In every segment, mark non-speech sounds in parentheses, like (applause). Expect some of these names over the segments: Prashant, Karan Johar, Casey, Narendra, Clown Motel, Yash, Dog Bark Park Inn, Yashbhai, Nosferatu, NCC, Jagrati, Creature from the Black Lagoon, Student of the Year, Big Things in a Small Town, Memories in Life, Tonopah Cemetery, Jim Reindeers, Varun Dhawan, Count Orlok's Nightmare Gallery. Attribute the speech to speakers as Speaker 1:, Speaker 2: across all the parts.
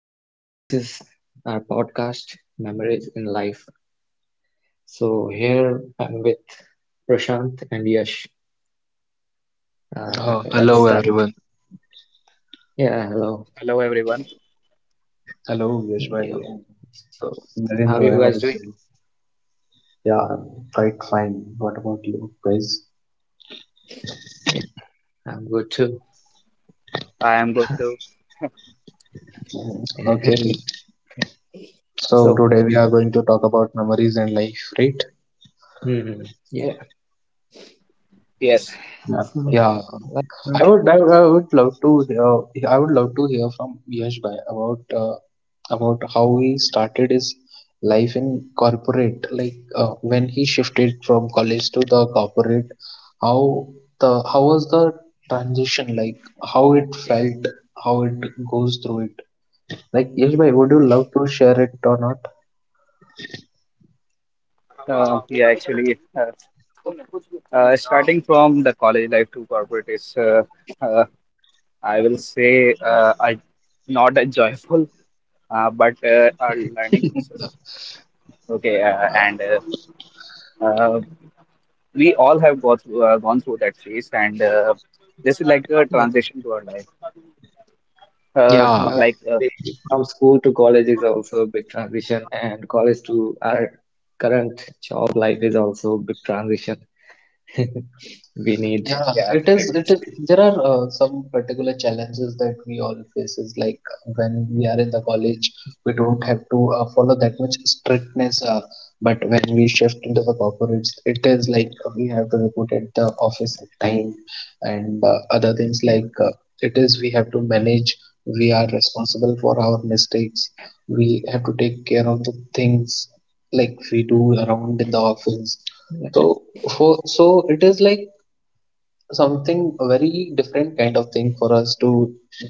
Speaker 1: So, this is our podcast, Memories in Life. So, here I'm with Prashant and Yash. Uh, let's
Speaker 2: Hello
Speaker 1: start.
Speaker 2: everyone.
Speaker 1: Yeah, hello.
Speaker 3: Hello everyone.
Speaker 2: Hello Yashbhai
Speaker 1: Yo.
Speaker 2: and
Speaker 1: So, how are you
Speaker 2: Narendra.
Speaker 1: guys
Speaker 2: How is
Speaker 1: doing?
Speaker 2: you? Yeah, I'm quite fine. What about you guys?
Speaker 1: Yeah, I'm good too. (laughs)
Speaker 3: I am good too.
Speaker 2: Okay. So
Speaker 1: So,
Speaker 2: today we are going to
Speaker 1: let's
Speaker 2: talk
Speaker 1: start.
Speaker 2: about memories and life, right?
Speaker 1: Hmm, yeah,
Speaker 3: Yes.
Speaker 2: Yeah.
Speaker 1: so
Speaker 2: Yeah.
Speaker 1: let's
Speaker 2: I
Speaker 1: start.
Speaker 2: would, I, I would love to hear. I would love to hear from Yash Bhai about how he started his life in corporate. Like, when he shifted from college to the corporate, how how was the transition like? How it felt? How it goes through it? Like Yash Bhai, would you love to share it or not?
Speaker 3: Yeah, actually, starting from the college life to corporate is, uh, I will say, not a joyful, but a learning process. Okay, and uh, we all have gone through that phase, and this is like a
Speaker 1: Yeah.
Speaker 3: transition to our life. Uh,
Speaker 2: Yeah.
Speaker 1: Well,
Speaker 3: like, uh,
Speaker 1: actually, from school to college is also a big transition, and college to our current job life is also a big transition. (laughs) We need
Speaker 2: Yeah,
Speaker 3: yeah,
Speaker 2: it
Speaker 1: to
Speaker 2: is. It is.
Speaker 1: adjust.
Speaker 2: There are some particular challenges that we all faces. Like, when we are in the college, we don't have to follow that much strictness. But when we shift into the corporates, it is like, we have to report at the office at time, and other things
Speaker 1: Yeah,
Speaker 2: like, it is we have to manage. We are responsible for our mistakes. We have to take care of the things like we do around in the office.
Speaker 1: yeah,
Speaker 2: So for so it is like something a very different kind of thing for us to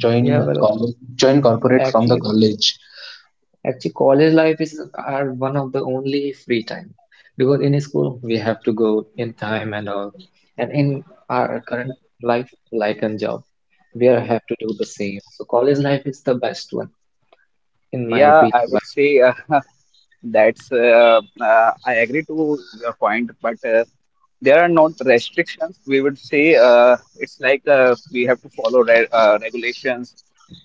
Speaker 2: join
Speaker 1: yeah. Well,
Speaker 2: join corporate from the
Speaker 1: actually,
Speaker 2: college.
Speaker 1: actually, college life is our one of the only free time, because in school we have to go in time and all, and in our current life, like and job, we are have to do the same. So college life is the best one, in my
Speaker 3: yeah, I
Speaker 1: opinion,
Speaker 3: would
Speaker 1: by the way.
Speaker 3: say (laughs) that's. I agree to your point, but. There are not restrictions. We would say it's like we have to follow re regulations.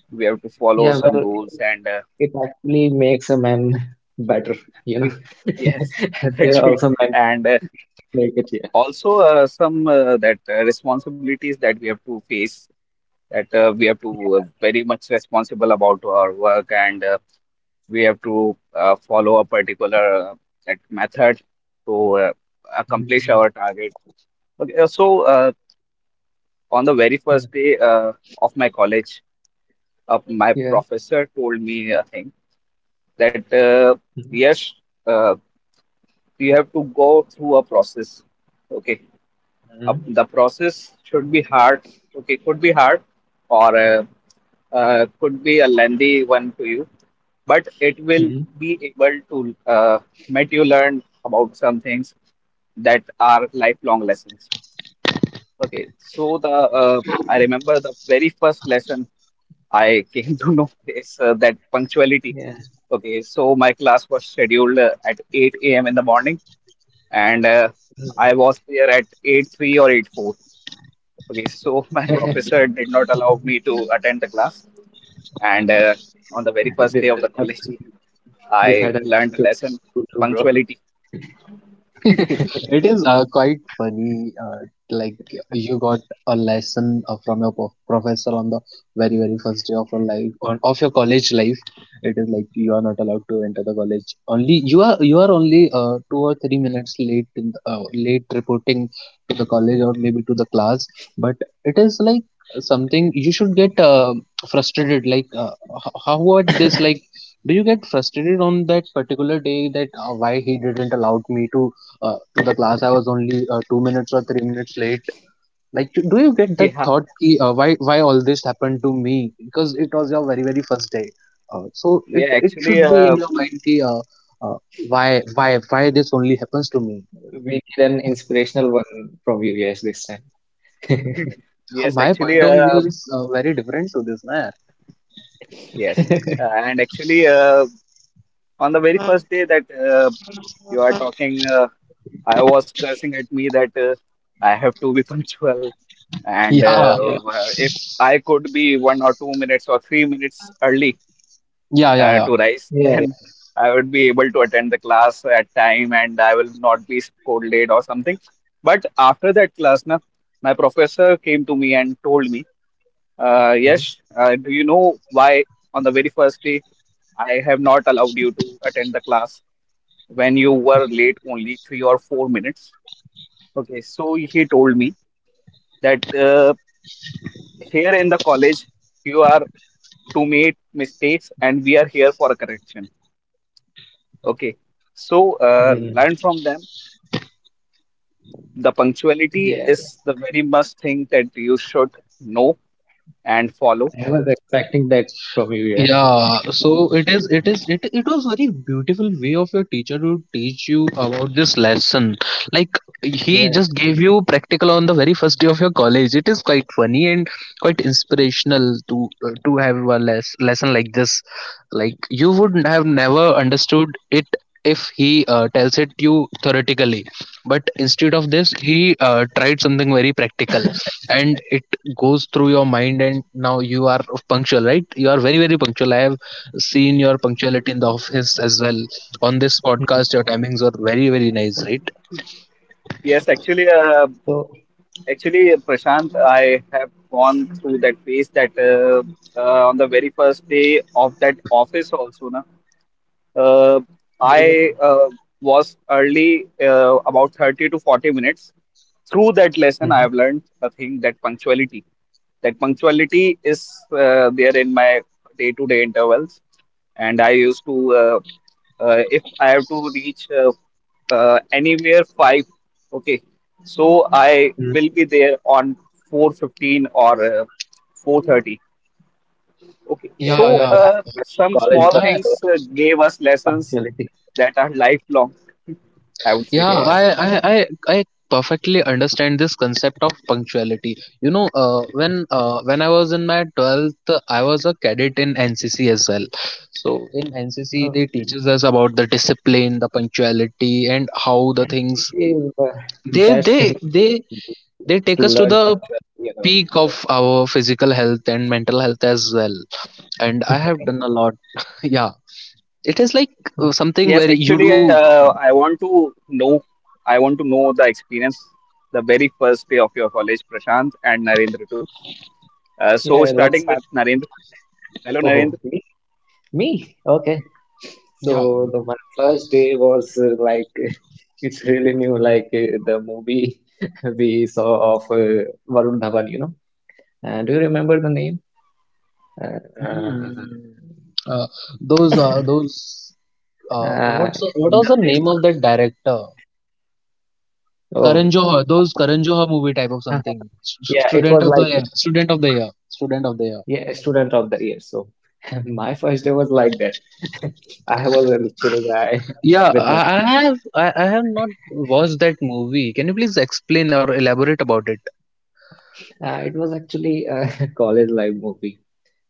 Speaker 3: We have to follow
Speaker 1: Yeah,
Speaker 3: some
Speaker 1: well, it
Speaker 3: rules, and
Speaker 1: it actually makes a man better, you know.
Speaker 3: we (laughs) yes,
Speaker 1: (laughs) They're
Speaker 3: actually,
Speaker 1: also meant
Speaker 3: and
Speaker 1: (laughs) to make it, yeah.
Speaker 3: also some that responsibilities that we have to face. That we have to
Speaker 1: Yeah.
Speaker 3: very much responsible about our work, and we have to follow a particular
Speaker 1: Yeah.
Speaker 3: that method to accomplish
Speaker 1: Mhm.
Speaker 3: our target. Okay, so on the very
Speaker 1: Mhm.
Speaker 3: first day of my college. My
Speaker 1: Yeah.
Speaker 3: professor told me a thing that
Speaker 1: Mhm.
Speaker 3: yes, uh, you have to go through a process. Okay, the process should be hard. Okay, could be hard, or could be a lengthy one to you, but it will
Speaker 1: Mhm.
Speaker 3: be able to make you learn about some things that are lifelong lessons. Okay, so the I remember the very first lesson I came to know (laughs) this, that punctuality.
Speaker 1: Yeah.
Speaker 3: Okay, so my class was scheduled at 8 a.m. in the morning, and
Speaker 1: Mhm.
Speaker 3: I was there at eight three or eight four. Okay, so (laughs) my professor did
Speaker 1: (laughs)
Speaker 3: not allow me to attend the class, and on the very first
Speaker 1: This
Speaker 3: day of
Speaker 1: had
Speaker 3: the college,
Speaker 1: happened.
Speaker 3: (laughs)
Speaker 1: This
Speaker 3: I
Speaker 1: had
Speaker 3: learned
Speaker 1: happened
Speaker 3: a
Speaker 1: to me in
Speaker 3: lesson:
Speaker 1: school too, bro.
Speaker 3: punctuality.
Speaker 2: (laughs) It is,
Speaker 1: (laughs)
Speaker 2: quite funny. Like, you got a lesson from your professor on the very very first day of your life on of your college life. It is like you are not allowed to enter the college. Only you are only 2 or 3 minutes late in the, late reporting to the college or maybe to the class. But it is like something you should get frustrated. Like, how what this like do you get frustrated on that particular day that why he didn't allow me to the class. I was only 2 minutes or 3 minutes late. Like, do you get
Speaker 3: (laughs)
Speaker 2: that
Speaker 3: Yeah,
Speaker 2: thought? Ki, why all this happened to me? Because it was your very very first day. So
Speaker 3: yeah,
Speaker 2: it should
Speaker 3: actually,
Speaker 2: be in your mind. Ki, uh, why why this only happens to me?
Speaker 1: We need an inspirational one from you guys this time.
Speaker 3: (laughs) yes,
Speaker 2: My
Speaker 3: actually,
Speaker 2: point of view is
Speaker 1: (laughs)
Speaker 2: very different to this, man.
Speaker 3: yes, and actually, on the very first day that you are talking. I was cursing at me that I have to be (laughs) punctual, and
Speaker 2: Yeah,
Speaker 1: Yeah.
Speaker 3: if I could be 1 or 2 minutes or 3 minutes early
Speaker 2: yeah, yeah, yeah.
Speaker 3: to rise, (laughs)
Speaker 1: Yeah. Yeah.
Speaker 3: then
Speaker 1: Yeah.
Speaker 3: I would be able to attend the class at time, and I will not be scolded or something. But after that class, na, my professor came to me and told me,
Speaker 1: Mhm.
Speaker 3: "Yes, do you know why on the very first day I have not allowed you to attend the class when you were late
Speaker 1: Mhm.
Speaker 3: only 3 or 4 minutes?" Okay, so he told me that here in the college you are to make mistakes and we are here for correction. Okay, so
Speaker 1: Mhm.
Speaker 3: learn from them. The punctuality
Speaker 1: Yeah.
Speaker 3: is the very must thing that you should know and follow.
Speaker 1: I was expecting that from you, yes. (laughs)
Speaker 2: Yeah, so it was very beautiful way of your teacher to teach you about this lesson. Like, he
Speaker 1: Yeah.
Speaker 2: just gave you practical on the very first day of your college. It is quite funny and quite inspirational to to have a lesson like this. Like, you would have never understood it if he tells it you theoretically, but instead of this he tried something very practical, and it goes through your mind. And now you are punctual, right? You are very very punctual. I have seen your punctuality in the office as well. On this podcast
Speaker 1: Mhm.
Speaker 2: your timings are very very nice, right?
Speaker 3: Yes, actually,
Speaker 1: So,
Speaker 3: actually, Prashant, I have gone through that phase that on the very first day of that office also, na, Uh,
Speaker 1: yeah.
Speaker 3: I was early about 30 to 40 minutes. Through that lesson, I
Speaker 1: Mhm.
Speaker 3: have learned a thing that punctuality. That punctuality is there in my day-to-day intervals, and I used to if I have to reach anywhere five, okay, so I will
Speaker 1: Mhm.
Speaker 3: be there on 4:15 or 4:30. Okay,
Speaker 2: Yeah,
Speaker 1: Yeah,
Speaker 3: so
Speaker 2: yeah,
Speaker 1: well, I have that
Speaker 3: some
Speaker 1: college
Speaker 3: small
Speaker 2: I,
Speaker 1: bus,
Speaker 3: things
Speaker 1: so
Speaker 3: gave us
Speaker 1: (laughs)
Speaker 3: lessons
Speaker 1: punctuality.
Speaker 3: that are lifelong, I would say.
Speaker 2: yeah
Speaker 1: Yeah.
Speaker 2: I, I i I perfectly understand this concept of punctuality. When I was in my 12th I was a cadet in NCC as well. So in NCC
Speaker 1: Oh,
Speaker 2: they teaches us about the discipline, the punctuality and how the things.
Speaker 1: NCC is the
Speaker 2: they
Speaker 1: best
Speaker 2: they
Speaker 1: thing you
Speaker 2: they
Speaker 1: can do
Speaker 2: they take
Speaker 1: to
Speaker 2: us to
Speaker 1: learn
Speaker 2: the
Speaker 1: punctuality and all.
Speaker 2: peak of our physical health and mental health as well, and I have done a
Speaker 1: (laughs)
Speaker 2: lot. (laughs) Yeah, it is like something where
Speaker 3: Yes,
Speaker 2: you do.
Speaker 3: actually, I want to know the experience, the very first day of your college, Prashant and Narendra too. So
Speaker 1: Yeah,
Speaker 3: starting with
Speaker 1: let's start
Speaker 3: Narendra.
Speaker 1: with Prashant.
Speaker 3: Hello, Narendra.
Speaker 1: Oh, me? Me? Okay.
Speaker 2: Yeah.
Speaker 1: So my first day was like (laughs) it's really new, like the movie (laughs) we saw of Varun Dhawan, you know. And do you remember the name? Uh,
Speaker 2: Mhm.
Speaker 1: uh,
Speaker 2: uh, those uh, those uh,
Speaker 1: uh,
Speaker 2: what's the- what
Speaker 1: in
Speaker 2: was
Speaker 1: the
Speaker 2: the
Speaker 1: lyrics
Speaker 2: name of
Speaker 1: was
Speaker 2: that director?
Speaker 1: oh,
Speaker 2: Karan Johar, those
Speaker 1: so
Speaker 2: Karan Johar movie type of something.
Speaker 1: (laughs) yeah, it
Speaker 2: Student
Speaker 1: was
Speaker 2: of the
Speaker 1: like
Speaker 2: year,
Speaker 1: that.
Speaker 2: student
Speaker 1: So
Speaker 2: of the
Speaker 1: my
Speaker 2: year, student of the year.
Speaker 1: yeah, student of the year. So (laughs) my first day was like that. (laughs) I was a little chill guy
Speaker 2: Yeah,
Speaker 1: (laughs) with
Speaker 2: i,
Speaker 1: my
Speaker 2: I
Speaker 1: friend.
Speaker 2: have I, I have not
Speaker 1: (laughs)
Speaker 2: watched that movie. Can you please explain or elaborate about it?
Speaker 1: It was actually a (laughs) college life movie.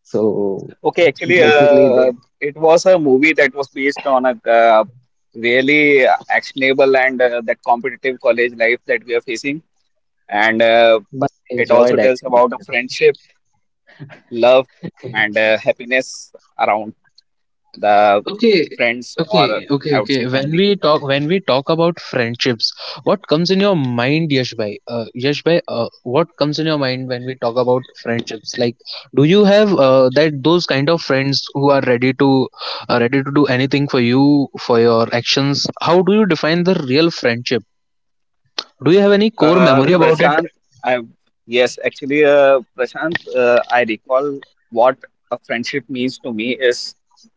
Speaker 1: So
Speaker 3: Okay, actually,
Speaker 1: basically they
Speaker 3: it was a movie that was based on a really actionable and that competitive college life that we are facing, and
Speaker 1: but they
Speaker 3: it also
Speaker 1: enjoyed
Speaker 3: tells
Speaker 1: actually,
Speaker 3: about a
Speaker 1: you know.
Speaker 3: friendship, love, and
Speaker 1: (laughs)
Speaker 3: happiness around the
Speaker 2: Okay,
Speaker 3: friends,
Speaker 2: okay,
Speaker 3: or
Speaker 2: okay,
Speaker 3: I would
Speaker 2: okay.
Speaker 3: say
Speaker 2: when
Speaker 3: family.
Speaker 2: we talk when we talk about friendships, what comes in your mind, Yashbai? What comes in your mind when we talk about friendships? Like, do you have that those kind of friends who are ready to ready to do anything for you, for your actions? How do you define the real friendship? Do you have any core memory about it?
Speaker 3: Prashant, I Yes, actually, Prashant, I recall what a friendship means to me is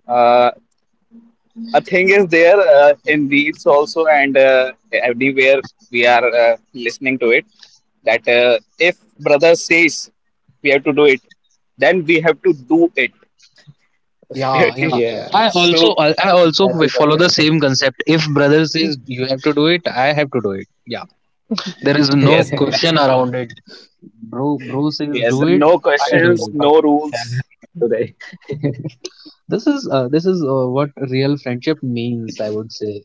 Speaker 3: uh, a thing is there in Reels also, and everywhere we are listening to it, that if brother says we have to do it, then we have to do it. (laughs)
Speaker 2: Yeah, yeah,
Speaker 3: Okay.
Speaker 1: Yeah,
Speaker 2: i also
Speaker 3: So
Speaker 2: i I also
Speaker 1: that is the
Speaker 2: follow the
Speaker 1: best thing.
Speaker 2: same concept. If brother says you have to do it, I have to do it. Yeah. There is no
Speaker 3: yes.
Speaker 2: question
Speaker 1: (laughs)
Speaker 2: around it. Bro, bro says do
Speaker 3: Yes,
Speaker 1: That
Speaker 2: it.
Speaker 3: no
Speaker 1: is why
Speaker 2: I
Speaker 1: bro
Speaker 2: do
Speaker 3: questions,
Speaker 2: it.
Speaker 1: woke up
Speaker 3: no rules.
Speaker 1: 7 a.m. today. (laughs)
Speaker 2: This is What real friendship means, I would say.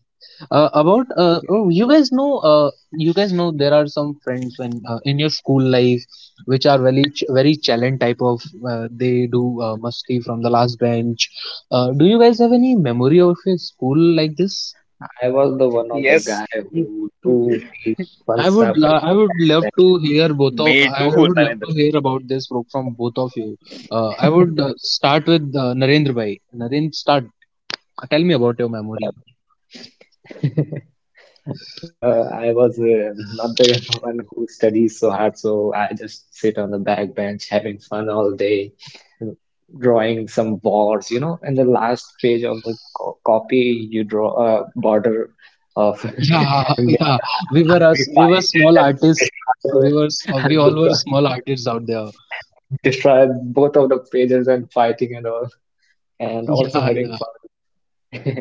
Speaker 2: About Oh,
Speaker 1: Yeah.
Speaker 2: you guys know there are some friends when in your school life which are very very challenge type of. They do musty from the last bench. Do you guys have any memory of your school like this?
Speaker 1: I was the one of the
Speaker 3: Yes,
Speaker 1: guy who do these fun
Speaker 2: I would
Speaker 1: stuff
Speaker 2: lo-
Speaker 1: in the
Speaker 2: I would
Speaker 1: back
Speaker 2: love
Speaker 1: batch,
Speaker 2: to
Speaker 1: bro.
Speaker 2: hear both
Speaker 3: me
Speaker 2: of I
Speaker 3: too, (laughs)
Speaker 2: would love to
Speaker 3: Narendra.
Speaker 2: hear about this book from both of you. I would start with Narendra Bhai. Narendra, start. Tell me about your memory.
Speaker 1: Well, (laughs) Well, I was not the (laughs) one who studies so hard, so I just sit on the back bench having fun all day, drawing some wars. You know, in the last page of the co copy, you draw a border of (laughs)
Speaker 2: Yeah. (laughs)
Speaker 1: and make
Speaker 2: Yeah.
Speaker 1: our
Speaker 2: We were
Speaker 1: army
Speaker 2: us. We were
Speaker 1: fight and
Speaker 2: small
Speaker 1: then
Speaker 2: artists.
Speaker 1: destroy
Speaker 2: We
Speaker 1: those,
Speaker 2: were. s- Uh, we
Speaker 1: (laughs)
Speaker 2: all were
Speaker 1: destroy,
Speaker 2: small artists out there.
Speaker 1: destroy both of the pages and fighting and all,
Speaker 2: (laughs)
Speaker 1: and
Speaker 2: Yeah,
Speaker 1: also having
Speaker 2: yeah.
Speaker 1: fun. (laughs)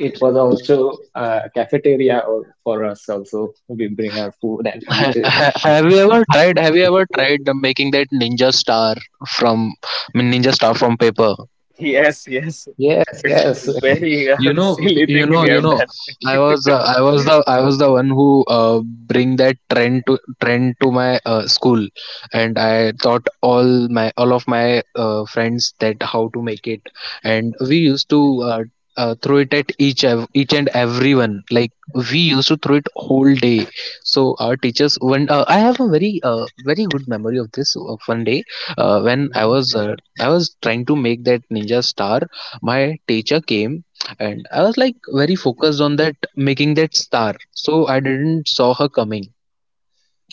Speaker 1: It was also a cafeteria or for us also. We bring our food and eat,
Speaker 2: Have you
Speaker 1: (laughs)
Speaker 2: ever tried?
Speaker 1: hiding
Speaker 2: Have you
Speaker 1: from
Speaker 2: ever
Speaker 1: teacher and
Speaker 2: tried
Speaker 1: all.
Speaker 2: making that ninja star from, I mean, ninja star from paper?
Speaker 3: Yes, yes.
Speaker 1: Yes,
Speaker 3: It's a
Speaker 1: yes.
Speaker 3: very (laughs)
Speaker 1: (laughs)
Speaker 2: you
Speaker 1: Who
Speaker 2: know
Speaker 1: doesn't,
Speaker 3: silly
Speaker 1: bro?
Speaker 2: you
Speaker 3: thing
Speaker 2: know
Speaker 3: we
Speaker 2: you
Speaker 3: have
Speaker 2: know
Speaker 3: done. (laughs)
Speaker 2: I was the one who bring that trend to my school, and I taught all of my friends that how to make it. And we used to uh, throw it at each and everyone. Like, we used to throw it whole day. So our teachers when I have a very very good memory of this one day, when i
Speaker 1: Mhm.
Speaker 2: was uh, i was trying to make that ninja star. My teacher came, and I was like very focused on that making that star, so I didn't saw her coming.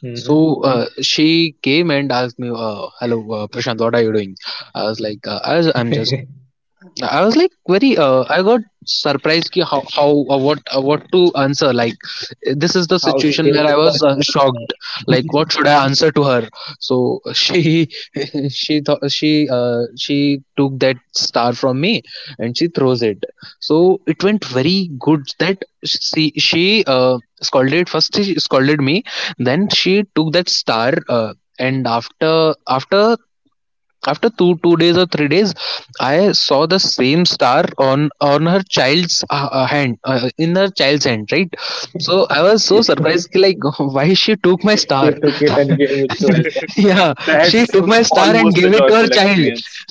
Speaker 1: Mhm.
Speaker 2: So she came and asked me, "Hello, Prashant, what are you doing?" I'm just.
Speaker 1: (laughs)
Speaker 2: I was like very I got surprised, ki, how what to answer. Like, this is the
Speaker 1: How she
Speaker 2: situation
Speaker 1: came
Speaker 2: where I was
Speaker 1: instantly on
Speaker 2: shocked.
Speaker 1: me.
Speaker 2: Like, what should I answer to her? So she (laughs) she thought she took that star from me, and she throws it. So it went very good that she scolded me. Then she took that star, and after after two two days or 3 days I saw the same star on her child's hand, in her child's hand, right. So I was so surprised, like, (laughs) why she took my
Speaker 1: (laughs) She
Speaker 2: star.
Speaker 1: took it and gave it to her
Speaker 2: (laughs)
Speaker 1: child, bro.
Speaker 2: Yeah, she
Speaker 3: That's
Speaker 2: took my star and
Speaker 3: almost a
Speaker 2: gave it to her
Speaker 3: joyful
Speaker 2: child.
Speaker 3: experience.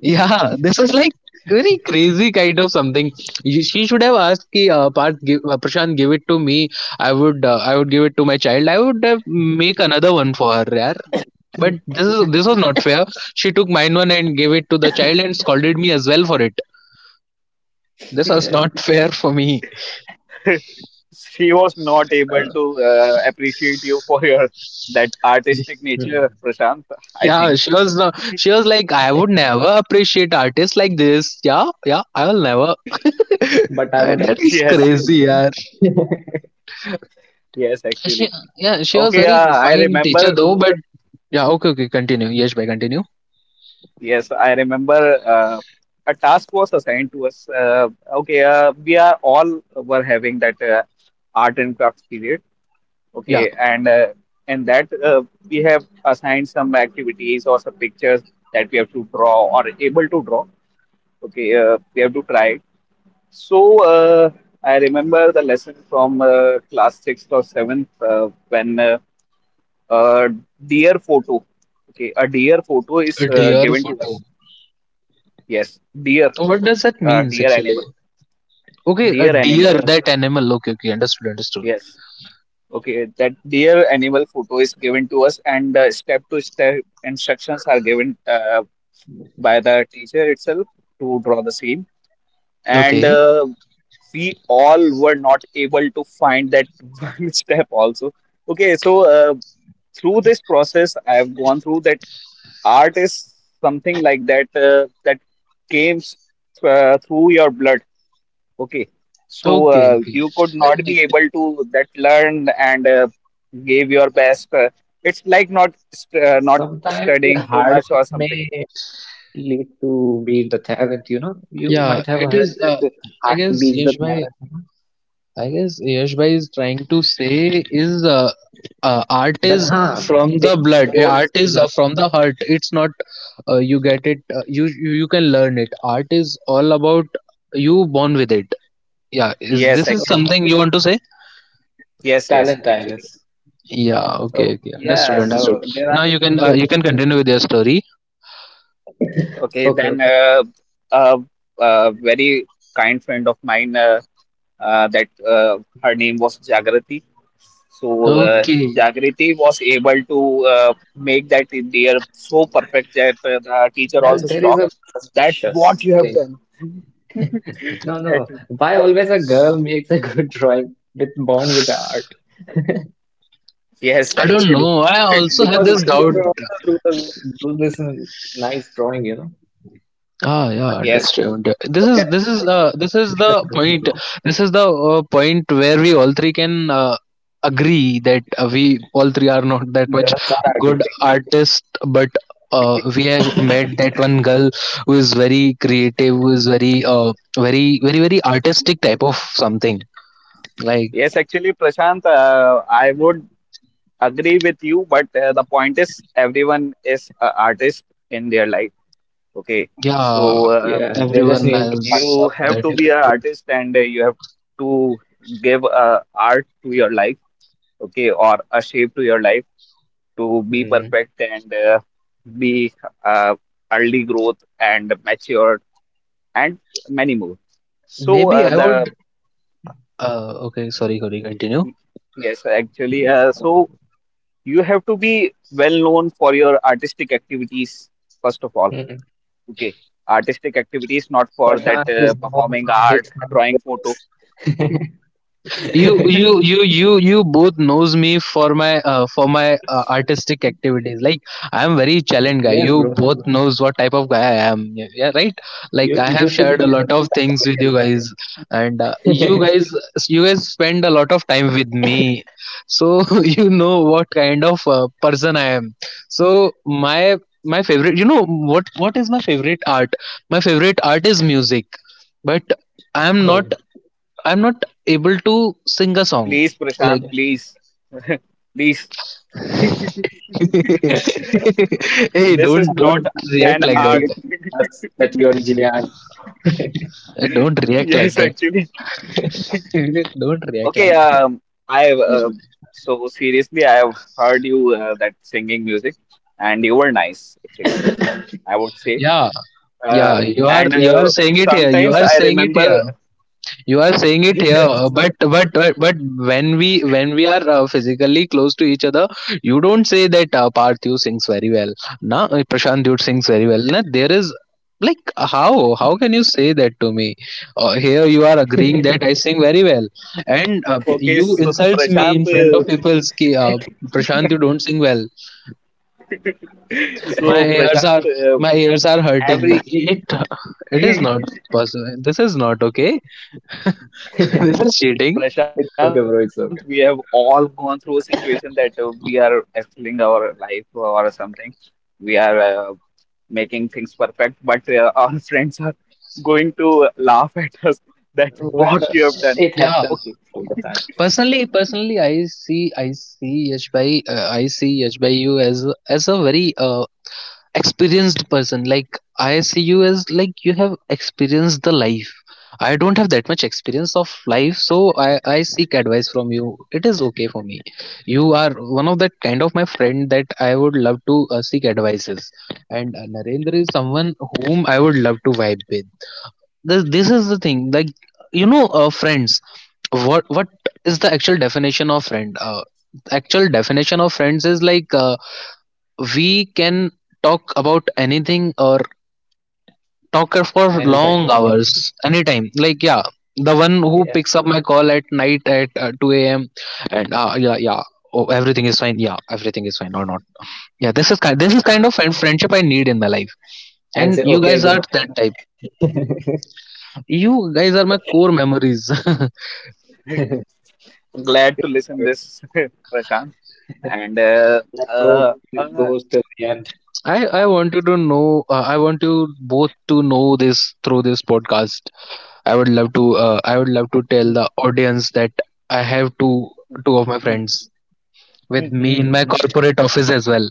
Speaker 2: Yeah, this is like
Speaker 1: (laughs)
Speaker 2: very crazy kind of something. She should have asked, ki, Parth, give, Prashant, give it to me. I would give it to my child. I would have make another one for her. But this was not fair. She took mine one and gave it to the child and scolded me as well for it. This was
Speaker 1: Yeah,
Speaker 2: not (laughs) fair for me.
Speaker 3: (laughs) She was not able
Speaker 1: well,
Speaker 3: to appreciate you for your that artistic
Speaker 2: (laughs)
Speaker 1: Mhm.
Speaker 3: nature, Prashant, I
Speaker 2: Yeah,
Speaker 3: think.
Speaker 2: she was like, "I would never appreciate artists like this. Yeah, yeah, I will never." (laughs)
Speaker 1: But I would
Speaker 2: That
Speaker 3: (laughs)
Speaker 2: is
Speaker 1: appreciate the
Speaker 3: Yes,
Speaker 2: crazy,
Speaker 1: art, bro.
Speaker 2: yeah.
Speaker 3: yes,
Speaker 2: She,
Speaker 3: actually.
Speaker 2: yeah, she was
Speaker 3: Okay,
Speaker 2: very
Speaker 3: I
Speaker 1: (laughs)
Speaker 2: fine teacher
Speaker 3: remember
Speaker 2: though. But yeah, okay, okay, continue. Yes, by continue.
Speaker 3: yes, I remember a task was assigned to us. Okay, we are all were having that art and crafts period.
Speaker 2: Yeah,
Speaker 3: Okay, and that we have assigned some activities or some pictures that we have to draw or able to draw. Okay, we have to try it. So I remember the lesson from class sixth or seventh when uh, deer photo. Okay, a deer photo is
Speaker 2: a deer
Speaker 3: given to
Speaker 2: photo.
Speaker 3: us. Yes, deer.
Speaker 2: What does that means
Speaker 3: Dear
Speaker 2: actually?
Speaker 3: animal.
Speaker 2: Okay, a
Speaker 3: Dear animal.
Speaker 2: deer, that animal. Okay, okay, understood, understood.
Speaker 3: Yes. Okay. That dear animal photo is given to us, and step to step instructions are given by the teacher itself to draw the scene. And
Speaker 2: Okay,
Speaker 3: we all were not able to find that (laughs) one step also. Okay. So through this process, I have gone through that art is something like that, that came through your blood. Okay. So
Speaker 2: okay, okay.
Speaker 3: you could not be able to that learn and gave your best. It's like not not
Speaker 1: Sometimes
Speaker 3: studying too
Speaker 1: hard
Speaker 3: much or
Speaker 1: work
Speaker 3: something.
Speaker 1: may lead to be the talent, you know. You
Speaker 2: Yeah,
Speaker 1: might have
Speaker 2: it
Speaker 1: heard
Speaker 2: is.
Speaker 1: that
Speaker 2: I
Speaker 1: hard work
Speaker 2: guess
Speaker 1: beats the
Speaker 2: Yash Bhai.
Speaker 1: talent, you know.
Speaker 2: I guess Yash Bhai is trying to say is art
Speaker 1: That,
Speaker 2: is
Speaker 1: huh.
Speaker 2: from
Speaker 1: They
Speaker 2: the blood. Yeah,
Speaker 1: those
Speaker 2: art is
Speaker 1: girl.
Speaker 2: from the heart. It's not you get it. You can learn it. Art is all about you born with it. Yeah, is
Speaker 3: Yes,
Speaker 2: this is
Speaker 3: actually.
Speaker 1: Oh,
Speaker 2: something you want to say?
Speaker 3: Yes, yes,
Speaker 1: talent, I
Speaker 3: actually.
Speaker 1: guess.
Speaker 2: Yeah. Okay.
Speaker 1: Oh,
Speaker 2: Okay. Understood.
Speaker 1: yeah,
Speaker 3: Yes.
Speaker 2: Understood.
Speaker 1: well, there
Speaker 2: Now
Speaker 1: are
Speaker 2: you
Speaker 1: some
Speaker 2: can uh, you
Speaker 1: children
Speaker 2: can
Speaker 1: who
Speaker 2: continue with your story.
Speaker 3: Okay.
Speaker 1: (coughs) okay,
Speaker 3: Then
Speaker 1: okay, start.
Speaker 3: uh, very kind friend of mine, that her name was Jagrati. So
Speaker 1: Hmm.
Speaker 2: Okay.
Speaker 3: Jagriti was able to make that in there so perfect that the teacher
Speaker 1: Well,
Speaker 3: also
Speaker 1: there is a
Speaker 3: shocked
Speaker 1: one
Speaker 3: that what
Speaker 1: suspicious
Speaker 3: you have
Speaker 1: thing.
Speaker 3: done. (laughs)
Speaker 1: (laughs) No, no,
Speaker 3: (laughs)
Speaker 1: why always a girl makes a good drawing with bond with the art?
Speaker 3: Yes,
Speaker 2: I don't
Speaker 3: actually.
Speaker 2: know. I
Speaker 3: (laughs)
Speaker 1: (laughs)
Speaker 2: also have
Speaker 1: Because
Speaker 2: this
Speaker 1: my
Speaker 2: doubt.
Speaker 1: sister also do the do this nice drawing.
Speaker 2: Ah, yeah,
Speaker 1: But
Speaker 3: Yes,
Speaker 2: understood. This
Speaker 1: look
Speaker 2: is
Speaker 1: at
Speaker 2: this
Speaker 1: me,
Speaker 2: is
Speaker 1: I
Speaker 2: uh,
Speaker 1: can't
Speaker 2: this
Speaker 1: even
Speaker 2: is
Speaker 1: make
Speaker 2: the
Speaker 1: a circle,
Speaker 2: point.
Speaker 1: bro.
Speaker 2: This is the point where we all three can agree that we all three are not that much
Speaker 1: Girls are
Speaker 2: good
Speaker 1: artistic.
Speaker 2: artists, but we have met that one girl who is very creative, who is very very very very artistic type of something. Like,
Speaker 3: yes, actually, Prashant, I would agree with you, but the point is everyone is an artist in their life. Okay.
Speaker 2: yeah,
Speaker 3: So
Speaker 1: Yeah, they just
Speaker 2: everyone
Speaker 1: need to find
Speaker 3: you
Speaker 2: has
Speaker 1: out
Speaker 3: have
Speaker 2: that.
Speaker 3: to
Speaker 1: in
Speaker 3: be an
Speaker 1: which one.
Speaker 3: artist, and you have to give art to your life, okay, or a shape to your life, to be
Speaker 1: Hmm.
Speaker 3: perfect and be uh, early growth and mature, and many more. So
Speaker 2: Maybe I would. Okay, sorry, sorry. Continue.
Speaker 3: Y- yes, actually. So you have to be well known for your artistic activities, first of all.
Speaker 1: Hmm.
Speaker 3: Okay. Artistic activities, not for that
Speaker 1: Prashant is known
Speaker 3: performing
Speaker 1: from his
Speaker 3: art,
Speaker 1: funny
Speaker 3: drawing photo.
Speaker 1: jokes.
Speaker 3: (laughs)
Speaker 1: (laughs)
Speaker 2: You both knows me for my artistic activities. Like, I am very challenged guy.
Speaker 1: Yes,
Speaker 2: You
Speaker 1: bro.
Speaker 2: both knows what type of guy I am. Yeah, yeah, right. Like,
Speaker 1: You
Speaker 2: I
Speaker 1: you
Speaker 2: have
Speaker 1: should
Speaker 2: shared a
Speaker 1: be a
Speaker 2: lot of
Speaker 1: stand-up
Speaker 2: things with
Speaker 1: comedian,
Speaker 2: you
Speaker 1: bro.
Speaker 2: guys, and you
Speaker 1: (laughs)
Speaker 2: guys you guys spend a lot of time with me. So (laughs) you know what kind of person I am. So my favorite, what is my favorite art? My favorite art is music. But i am
Speaker 1: Oh.
Speaker 2: not I'm not able to sing a song.
Speaker 3: Please, Prashant,
Speaker 2: Like,
Speaker 3: please. (laughs) Please.
Speaker 1: (laughs)
Speaker 2: (laughs) hey,
Speaker 3: This is
Speaker 2: don't
Speaker 1: On the
Speaker 3: not
Speaker 2: don't
Speaker 1: first day
Speaker 3: an
Speaker 1: we
Speaker 2: react like
Speaker 1: met,
Speaker 2: that.
Speaker 1: you
Speaker 3: art. (laughs)
Speaker 1: told us that you're Jian.
Speaker 2: Don't react like
Speaker 3: Yes,
Speaker 2: that.
Speaker 3: actually.
Speaker 2: (laughs) Don't react
Speaker 3: Okay,
Speaker 2: like that.
Speaker 3: I so seriously, I have heard you that singing music, and you were nice, actually, I would say.
Speaker 2: Yeah,
Speaker 1: (laughs)
Speaker 3: Uh,
Speaker 2: yeah.
Speaker 1: Oh.
Speaker 2: You are
Speaker 3: and
Speaker 2: you are saying it here. You
Speaker 3: sometimes
Speaker 2: are
Speaker 3: I
Speaker 2: saying it
Speaker 3: remember
Speaker 2: here. You are saying
Speaker 3: (laughs)
Speaker 2: it here,
Speaker 3: yes.
Speaker 2: but when we are physically close to each other, you don't say that, Parthu sings very well na, Prashant dude sings very well na. There is, like, how can you say that to me? Here you are agreeing that
Speaker 1: (laughs)
Speaker 2: I sing very well, and
Speaker 3: Okay,
Speaker 2: you
Speaker 1: Can we not be
Speaker 2: insults me in
Speaker 1: personal here,
Speaker 2: front of people
Speaker 1: guys?
Speaker 2: ki,
Speaker 1: (laughs)
Speaker 2: Prashant, you don't sing well. my
Speaker 3: So
Speaker 2: ears
Speaker 1: (laughs)
Speaker 3: Prashant,
Speaker 2: are my ears are hurting.
Speaker 3: every
Speaker 2: It it is not
Speaker 3: (laughs)
Speaker 2: possible. This is not okay. (laughs) This
Speaker 1: It's
Speaker 2: is cheating.
Speaker 3: Prashant, we have
Speaker 1: okay,
Speaker 3: all
Speaker 1: bro. It's
Speaker 3: gone through
Speaker 1: okay.
Speaker 3: a situation that we are excelling our life or something. We are making things perfect, but our (laughs) friends are going to laugh at us (laughs) that what you have done.
Speaker 1: Well, it
Speaker 3: Okay.
Speaker 2: Yeah.
Speaker 1: happens most of the time.
Speaker 2: Personally, I see Yash Bhai, you as a very experienced person. Like, I see you as, like, you have experienced the life. I don't have that much experience of life, so I I seek advice from you. It is okay for me. You are one of that kind of my friend that I would love to seek advices, and Narendra is someone whom I would love to vibe with. This is the thing. Like, friends, what is the actual definition of friend? Actual definition of friends is like, we can talk about anything or talk for
Speaker 1: Anytime.
Speaker 2: long hours anytime, like, yeah. The one who
Speaker 1: Yeah.
Speaker 2: picks up my call at night at 2 a.m and yeah, yeah, oh, everything is fine. Yeah, everything is fine or not. Yeah, this is kind
Speaker 1: Uh-huh.
Speaker 2: of friendship I need in my life.
Speaker 1: And
Speaker 2: And
Speaker 1: say,
Speaker 2: you
Speaker 1: okay,
Speaker 2: guys
Speaker 1: good
Speaker 2: are
Speaker 1: night, bye
Speaker 2: that type.
Speaker 1: bye. (laughs)
Speaker 2: You guys are my core memories. (laughs)
Speaker 3: (laughs) Glad to
Speaker 1: It's okay,
Speaker 3: listen
Speaker 1: bro.
Speaker 3: this, (laughs) Prashant. And
Speaker 1: Let's
Speaker 3: uh,
Speaker 1: hope this
Speaker 3: uh,
Speaker 1: goes till the end.
Speaker 2: I want you both to know this through this podcast. I would love to tell
Speaker 3: hmm,
Speaker 2: the audience that I have two
Speaker 3: hmm,
Speaker 2: two of my
Speaker 3: hmm,
Speaker 2: friends with
Speaker 3: hmm.
Speaker 2: me in my
Speaker 1: Hmm. Yeah.
Speaker 2: corporate office as well.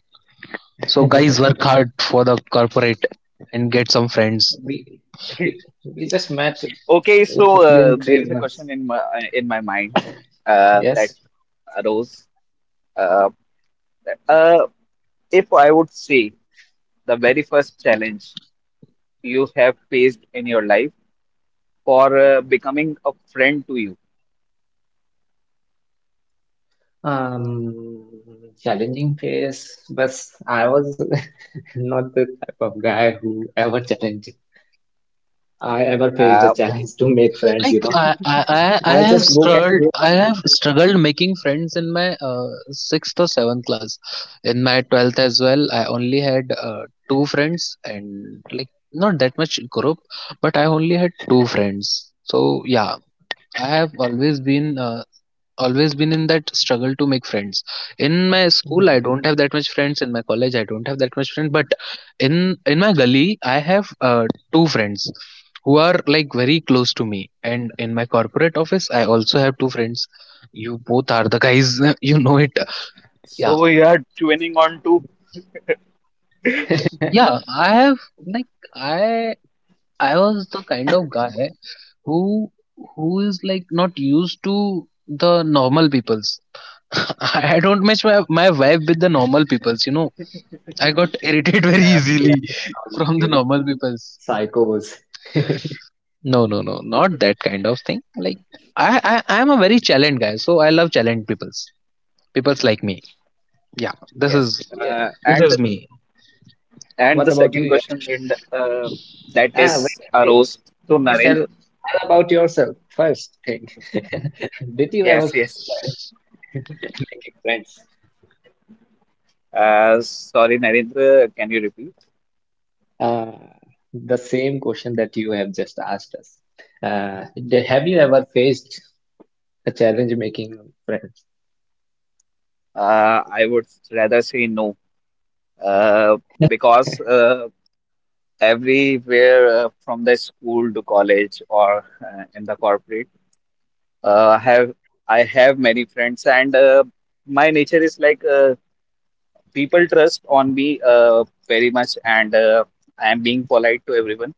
Speaker 2: So guys,
Speaker 1: (laughs)
Speaker 2: work hard for the corporate and get some friends.
Speaker 1: We, we just met.
Speaker 3: Okay,
Speaker 1: It
Speaker 3: so
Speaker 1: has been
Speaker 3: there
Speaker 1: three
Speaker 3: is a
Speaker 1: months.
Speaker 3: question in my mind that
Speaker 1: Yes.
Speaker 3: arose. Uh, uh, if I would say the very first challenge you have faced in your life for becoming a friend to you.
Speaker 1: Um, Challenging phase, but I was (laughs) not the type of guy who ever challenges. I ever faced the
Speaker 3: Okay,
Speaker 1: challenge to make friends, you
Speaker 2: Like,
Speaker 1: know.
Speaker 2: I I I
Speaker 1: I
Speaker 2: have
Speaker 1: just go
Speaker 2: struggled
Speaker 1: casually
Speaker 2: I have
Speaker 1: ask them.
Speaker 2: struggled making friends in my, sixth or seventh class. In my 12th as well, I only had, two friends, and, like, not that much group, but I only had two friends. So yeah, I have always been in that struggle to make friends. In my school, I
Speaker 1: "Hmm."
Speaker 2: don't have that much friends. In my college, I don't have that much friends. But in in my gully, I have, two friends who are, like, very close to me, and in my corporate office, I also have two friends. You both are the guys. (laughs) You know it. Yeah,
Speaker 3: so you are tuning on to
Speaker 2: yeah.
Speaker 1: (laughs)
Speaker 2: I have like i i was the kind of guy who who is, like, not used to the normal peoples. (laughs) I don't match my vibe with the normal peoples, you know. I got irritated very
Speaker 1: Yeah, we
Speaker 2: easily.
Speaker 1: are
Speaker 2: (laughs)
Speaker 1: abnormals,
Speaker 2: From the
Speaker 1: you know,
Speaker 2: normal peoples.
Speaker 1: psychos. (laughs)
Speaker 2: No, no, no, not that kind of thing. Like, I, I am a very challenged guy, so I love challenged peoples. Peoples like me. Yeah, this
Speaker 3: yes,
Speaker 2: is
Speaker 1: Yeah.
Speaker 3: uh, and
Speaker 2: me.
Speaker 3: and
Speaker 1: What
Speaker 3: the
Speaker 1: about you,
Speaker 3: second question
Speaker 1: Yash?
Speaker 3: in that
Speaker 1: Ah,
Speaker 3: is
Speaker 1: wait, wait.
Speaker 3: arose to
Speaker 1: Please
Speaker 3: Narendra.
Speaker 1: tell about yourself first thing. (laughs) Did you ever
Speaker 3: Yes,
Speaker 1: face
Speaker 3: yes.
Speaker 1: challenge (laughs) making friends?
Speaker 3: Sorry, Narendra, can you repeat?
Speaker 1: Uh, the same question that you have just asked us. Have you ever faced a challenge making friends?
Speaker 3: I would rather say no. Uh, because
Speaker 1: (laughs)
Speaker 3: everywhere from the school to college, or in the corporate, have I have many friends, and my nature is like, people trust on me very much, and I am being polite to everyone.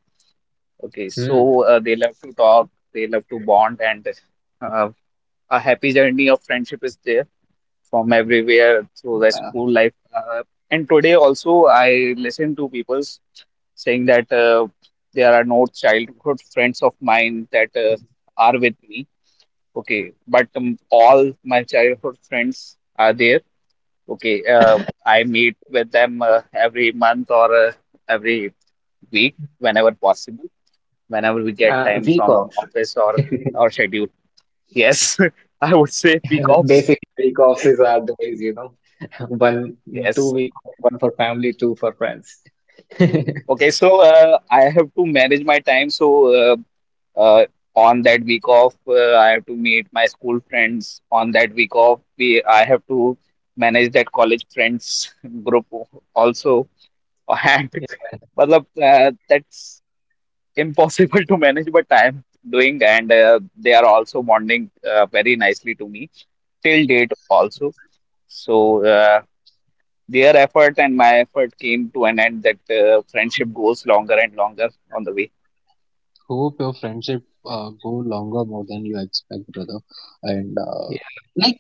Speaker 3: Okay,
Speaker 1: Hmm.
Speaker 3: so they love to talk, they love to bond, and uh, a happy journey of friendship is there from everywhere through the school life. And today also, I listen to people saying that there are no childhood friends of mine that are with me. Okay, but all my childhood friends are there. Okay, I meet
Speaker 1: Mhm.
Speaker 3: with them every month, or every week whenever possible, whenever we get
Speaker 1: Uh,
Speaker 3: time
Speaker 1: week
Speaker 3: from
Speaker 1: off.
Speaker 3: office or schedule. Yes, (laughs) I would say week
Speaker 1: (laughs)
Speaker 3: offs.
Speaker 1: Basically, week offs is our days. (laughs) One, two
Speaker 3: Yes.
Speaker 1: week off, one for family, two for friends. (laughs)
Speaker 3: Okay, so I have to manage my time. So uh, uh, on that week off, I have to meet my school friends. On that week off, we I have to manage that college friends (laughs) group also. And
Speaker 1: Yeah,
Speaker 3: (laughs) matlab, that's impossible to manage, but I am doing, and they are also bonding very nicely to me till date also. So their effort and my effort came to an end that friendship goes longer and longer on the way.
Speaker 2: Hope your friendship go longer more than you expect, brother. And
Speaker 1: yeah.
Speaker 2: like,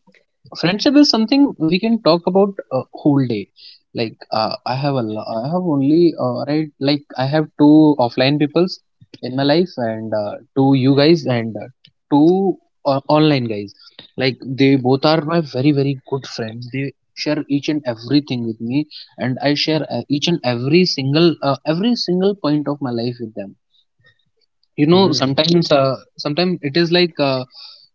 Speaker 2: friendship is something we can talk about a whole day. Like, I have only, right, like, I have two offline peoples in my life, and two, you guys, and two online guys. Like, they both are my very very good friends. They share each and everything with me, and I share, each and every single, every single point of my life with them. You know,
Speaker 1: Mm.
Speaker 2: sometimes, sometimes it is like,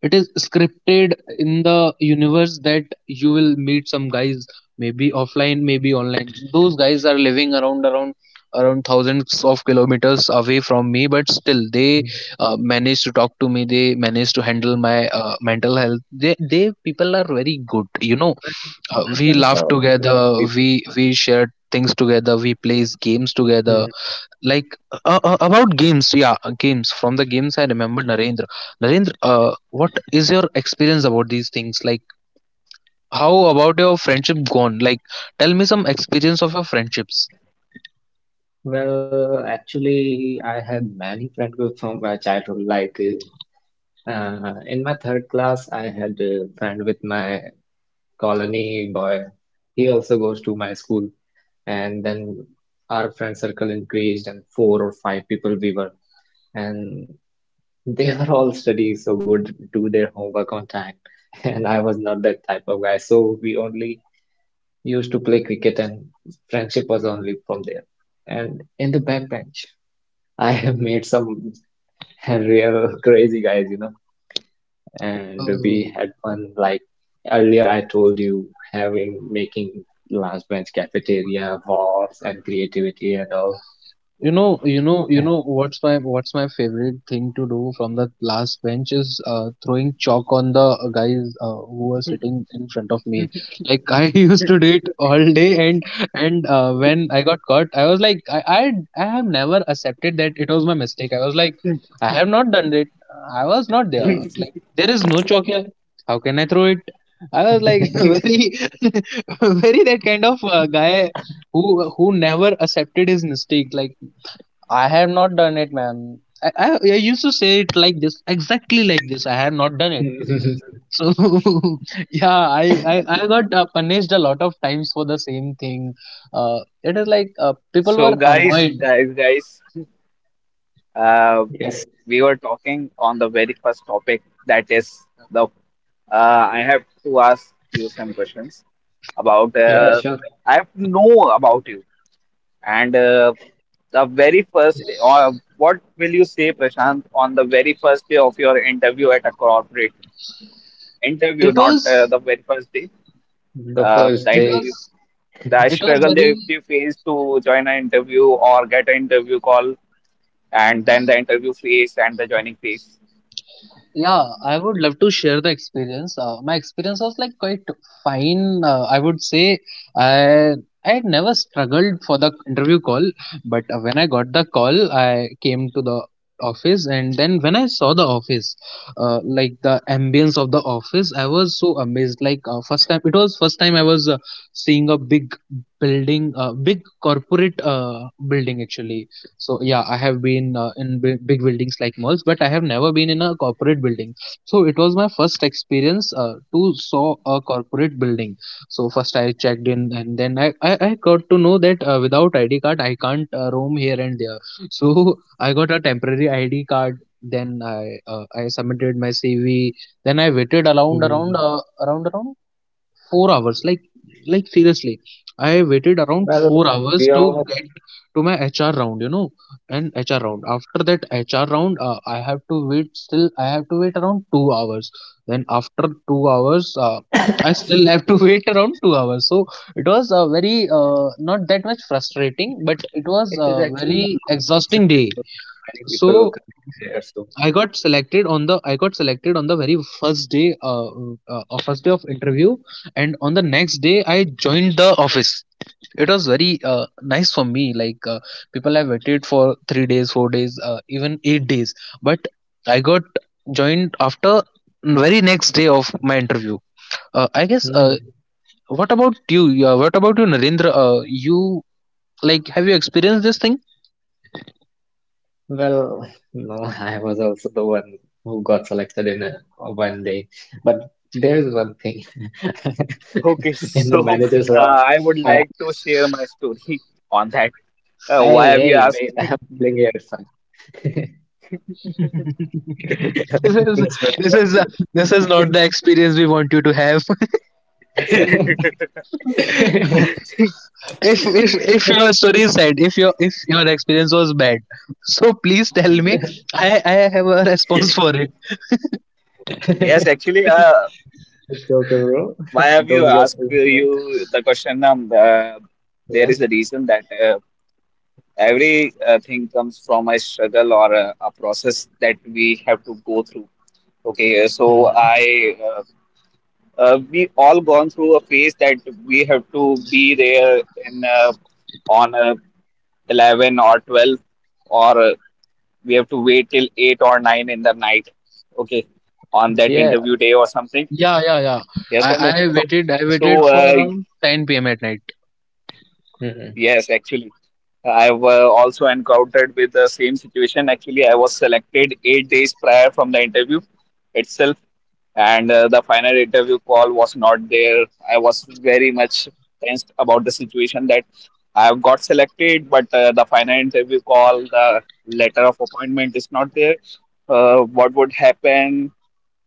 Speaker 2: it is scripted in the universe that you will meet some guys, maybe offline, maybe online. Those guys are living around thousands of kilometers away from me, but still they
Speaker 1: Mm.
Speaker 2: manage to talk to me, they manage to handle my mental health. They People are very good, you know.
Speaker 1: Online online
Speaker 2: We
Speaker 1: friends
Speaker 2: laugh
Speaker 1: are also
Speaker 2: together,
Speaker 1: nice
Speaker 2: we
Speaker 1: people.
Speaker 2: we share things together, we plays games together.
Speaker 1: Mm.
Speaker 2: Like, about games, yeah, games. From the games, I remember, Narendra, what is your experience about these things? Like, how about your friendship gone? Like, tell me some experience of your friendships.
Speaker 1: Well, actually, I had many friend groups from my childhood. Like in my third class, I had a friend with my colony boy. He also goes to my school. And then our friend circle increased, and four or five people we were, and they were all studying so good, do their homework on time (laughs) and I was not that type of guy, so we only used to play cricket, and friendship was only from there, and in the backbench (laughs) I have made some (laughs) real crazy guys. And we had fun like, earlier I told you, having making last bench cafeteria wars and creativity and all.
Speaker 2: You know, what's my favorite thing to do from the last bench is, throwing chalk on the, guys, who were sitting in front of me. Like, I (laughs) used to do it all day, and when I got caught, I was like, I have never accepted that it was my mistake. I was like, I have not done it. I was not there. Like,
Speaker 1: (laughs)
Speaker 2: there is no chalk here. How can I throw it? I was like (laughs)
Speaker 1: (laughs)
Speaker 2: very (laughs) very that kind of, guy who never accepted his mistake. Like, I have not done it, man. I used to say it like this, exactly like this. I have not done it. So (laughs) yeah, I got, punished a lot of times for the same thing. It is like, people
Speaker 3: So
Speaker 2: were
Speaker 3: guys,
Speaker 2: annoyed.
Speaker 3: guys, guys, uh,
Speaker 1: Yes.
Speaker 3: we were talking on the very first topic, that is the I have to ask you some questions about
Speaker 1: Yeah,
Speaker 3: uh,
Speaker 1: sure.
Speaker 3: I have to know about you and the very first
Speaker 1: Yeah.
Speaker 3: day: what will you say, Prashant, on the very first day of your interview at a corporate interview,
Speaker 2: It
Speaker 3: not
Speaker 2: was
Speaker 3: the very first day.
Speaker 1: The
Speaker 3: The
Speaker 1: first
Speaker 2: it was
Speaker 1: day.
Speaker 3: interview, the
Speaker 2: it was
Speaker 3: struggle they
Speaker 2: very.
Speaker 3: face to join an interview or get an interview call, and then the interview phase and the joining phase.
Speaker 2: Yeah, I would love to share the experience. My experience was like quite fine. I would say I I had never struggled for the interview call, but when I got the call, I came to the office, and then when I saw the office, like the ambience of the office, I was so amazed. Like, first time, it was first time I was, seeing a big building, big corporate, building actually. So yeah, I have been, in big buildings like malls, but I have never been in a corporate building. So it was my first experience, to saw a corporate building. So first I checked in, and then I got to know that, without ID card I can't, roam here and there. So (laughs) I got a temporary ID card, then I submitted my CV. Then I waited around around
Speaker 1: Mm.
Speaker 2: uh, around around 4 hours. Like seriously, I waited around four
Speaker 1: Well,
Speaker 2: hours
Speaker 1: we
Speaker 2: to get
Speaker 1: almost.
Speaker 2: to my HR round, you know. And HR round,
Speaker 1: Uh,
Speaker 2: after that HR round, I have to wait, still I have to wait around 2 hours. Then after 2 hours, I
Speaker 1: it
Speaker 2: still have to (laughs) wait around 2 hours. So it was a very, not that much frustrating, but it was a
Speaker 1: is actually a
Speaker 2: very
Speaker 1: long
Speaker 2: exhausting
Speaker 1: process, you
Speaker 2: day.
Speaker 1: know. There are many
Speaker 2: So
Speaker 1: people coming there, so.
Speaker 2: I got selected on the
Speaker 1: Mm.
Speaker 2: very first day, first day of interview, and on the next day I joined the office. It was very, nice for me. Like, people have waited for 3 days, 4 days, even 8 days, but I got joined after very next day of my interview. I guess,
Speaker 1: Mm.
Speaker 2: what about you? What about you, Narendra? You, like, have you experienced this thing?
Speaker 1: Well, no, (laughs) I was also the one who got selected in a one day. But there is one thing.
Speaker 3: Okay,
Speaker 1: (laughs) In the
Speaker 3: so
Speaker 1: manager's round,
Speaker 3: I would
Speaker 1: I,
Speaker 3: like
Speaker 1: I,
Speaker 3: to share my story on that. Why
Speaker 1: hey,
Speaker 3: have you
Speaker 1: hey,
Speaker 3: asked?
Speaker 1: mate, (laughs) I'm telling you at first. (laughs) (laughs)
Speaker 2: (laughs) this
Speaker 1: Let me
Speaker 2: is
Speaker 1: finish first,
Speaker 2: this
Speaker 1: bro.
Speaker 2: is uh, this is not the experience we want you to have. (laughs) if if your
Speaker 1: (laughs)
Speaker 2: story is sad, if your experience was bad, (laughs) so please tell me, I have a response for it.
Speaker 3: Yes, actually,
Speaker 1: It's okay, bro.
Speaker 3: why have you
Speaker 1: Don't get
Speaker 3: asked
Speaker 1: too into it.
Speaker 3: you the question? There
Speaker 1: Yeah.
Speaker 3: is a reason that every thing comes from a struggle or a process that we have to go through. Okay, so
Speaker 1: Mhm.
Speaker 3: I we all gone through a phase that we have to be there in on 11 or 12, or we have to wait till 8 or 9 in the night, okay, on that
Speaker 1: Yeah.
Speaker 3: interview
Speaker 1: (coughs)
Speaker 3: day or something.
Speaker 2: Yeah, yeah, yeah,
Speaker 3: Yes
Speaker 2: i
Speaker 3: or no?
Speaker 1: (laughs)
Speaker 2: i
Speaker 1: It's always
Speaker 2: waited
Speaker 1: the
Speaker 2: i
Speaker 1: same,
Speaker 2: waited
Speaker 3: so
Speaker 1: bro.
Speaker 2: for
Speaker 3: uh,
Speaker 2: around 10 p.m at night.
Speaker 1: Mhm.
Speaker 3: Yes, actually, I've also encountered with the same situation. Actually, I was selected 8 days prior from the interview itself, and the final interview call was not there. I was very much tensed about the situation, that I've got selected, but the final interview call, the letter of appointment, is not there. What would happen?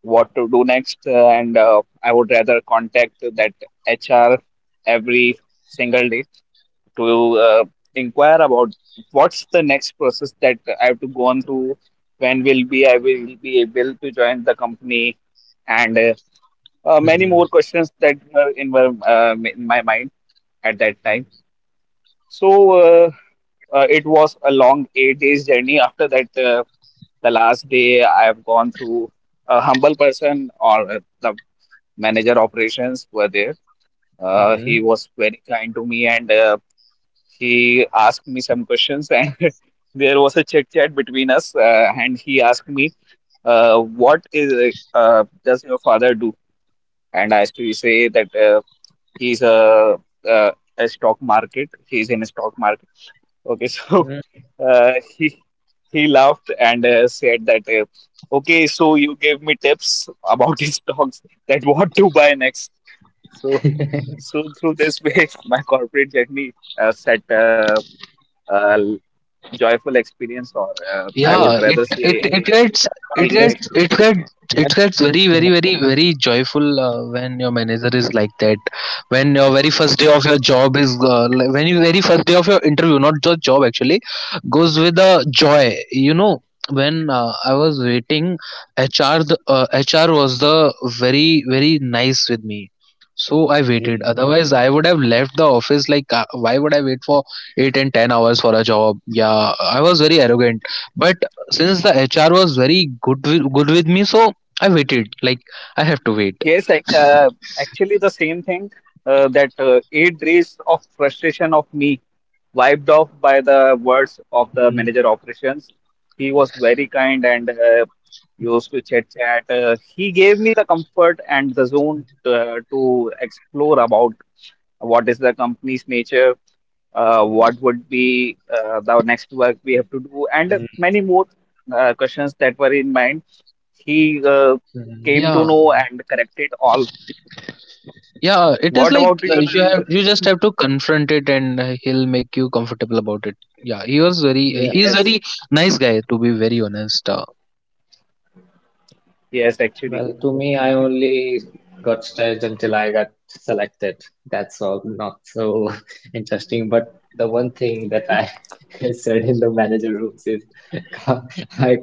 Speaker 3: What to do next? And I would rather contact that HR every single day to inquire about what's the next process that I have to go on through. When will be I will be able to join the company, and many more
Speaker 1: Mhm.
Speaker 3: questions that were in my mind at that time. So uh, it was a long 8 days journey. After that, the last day I have gone through a humble person, or the manager operations were there. He
Speaker 1: Mhm.
Speaker 3: was very kind to me and he asked me some questions, and (laughs) there was a chit chat between us. And he asked me, "What is does your father do?" And I used to say that he's a, uh, a stock market. He's in a stock market. Okay. (laughs) So uh, he he laughed and said that, "Okay, so you gave me tips about (laughs) his stocks, that what to buy next." So
Speaker 1: Mhm. (laughs)
Speaker 3: so through this way, (laughs) my corporate journey set uh, joyful experience, or I would
Speaker 1: So
Speaker 2: Yeah,
Speaker 3: rather
Speaker 2: it
Speaker 1: we'll be
Speaker 3: say
Speaker 2: it
Speaker 1: having
Speaker 2: it
Speaker 1: a chit
Speaker 2: gets
Speaker 1: chat
Speaker 2: it
Speaker 1: about
Speaker 3: teaching
Speaker 1: this
Speaker 2: gets it
Speaker 3: experience.
Speaker 1: too. Ye-
Speaker 2: gets it
Speaker 1: Yes,
Speaker 2: gets very very very
Speaker 1: tomorrow.
Speaker 2: very joyful, when your manager is like that. When, your very first day of your job is like when your very first day of your interview not just job actually goes with a joy you know when I was waiting, HR was the very very nice with me. So I waited.
Speaker 1: Mhm.
Speaker 2: Otherwise I would have left the office. Like, why would I wait for 8 and 10 hours for a job? Yeah, I was very arrogant. But since the HR was very good with me, so I waited. Like, I have to wait.
Speaker 3: Yes, ac- uh, actually, the same thing that 8 days of frustration of me wiped off by the words of the
Speaker 1: Mhm.
Speaker 3: manager operations. He was very kind and used to chit chat. He gave me the comfort and the zone to explore about what is the company's nature, what would be the next work we have to do, and
Speaker 1: Mhm.
Speaker 3: many more questions that were in mind. He
Speaker 1: Mhm.
Speaker 3: came to
Speaker 2: Yeah,
Speaker 3: know and corrected all.
Speaker 2: yeah. It is
Speaker 3: What
Speaker 2: like,
Speaker 3: about you, Narendra?
Speaker 2: you just have to confront it, and he'll make you comfortable about it. Yeah, he was very uh,
Speaker 1: Yeah.
Speaker 2: he's
Speaker 3: Yes,
Speaker 2: very nice guy, to be very honest.
Speaker 3: yes, actually.
Speaker 1: Well,
Speaker 3: (laughs)
Speaker 1: to me, I only got stressed until I got selected. That's all. Not so (laughs) interesting. But the one thing that I (laughs) said in the manager rooms is (laughs) co- I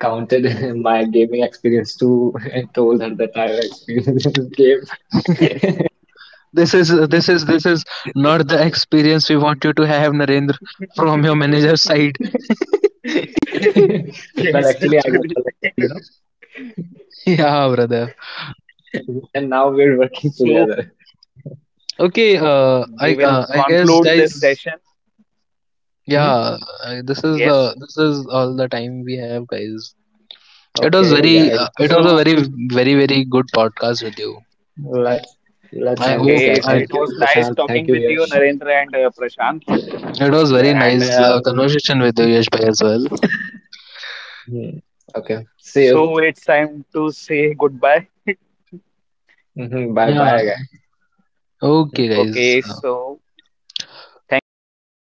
Speaker 1: counted (laughs) my gaming experience too (laughs) and told her that I have experience in game. (laughs)
Speaker 2: This is not the experience we want you to have, Narendra, from your manager's side. (laughs)
Speaker 1: Well,
Speaker 3: Yes,
Speaker 1: actually, I got
Speaker 3: actually.
Speaker 1: selected,
Speaker 2: Yeah, brother.
Speaker 1: (laughs) and now we're working
Speaker 3: So
Speaker 1: together.
Speaker 2: Okay. Uh, I
Speaker 3: we will
Speaker 2: uh, I guess,
Speaker 3: conclude this
Speaker 2: guys,
Speaker 3: session.
Speaker 1: Hmm?
Speaker 2: yeah, I, this is
Speaker 3: Yes.
Speaker 2: the this is all the time we have, guys.
Speaker 1: Okay,
Speaker 2: It
Speaker 1: guys.
Speaker 2: was a
Speaker 1: So
Speaker 3: So,
Speaker 2: very very very good podcast with you.
Speaker 1: let's let's
Speaker 2: I
Speaker 1: end this
Speaker 2: hope
Speaker 1: guy.
Speaker 3: okay,
Speaker 2: I,
Speaker 1: Thank
Speaker 3: it
Speaker 1: you,
Speaker 3: was nice
Speaker 1: Prashant. Thank
Speaker 3: talking
Speaker 1: you,
Speaker 3: with you,
Speaker 1: Yash.
Speaker 3: Narendra, and Prashant.
Speaker 2: it was very
Speaker 1: Yeah,
Speaker 3: And
Speaker 2: nice,
Speaker 3: uh,
Speaker 1: you're welcome.
Speaker 2: conversation with you, Yash bhai as well.
Speaker 1: Hmm. Okay. See you.
Speaker 3: so it's time to say goodbye.
Speaker 1: (laughs) Bye
Speaker 2: Yeah.
Speaker 1: bye, guys.
Speaker 2: Okay,
Speaker 1: Hmm.
Speaker 2: guys.
Speaker 3: Okay, so thank you so
Speaker 2: Naren,
Speaker 3: much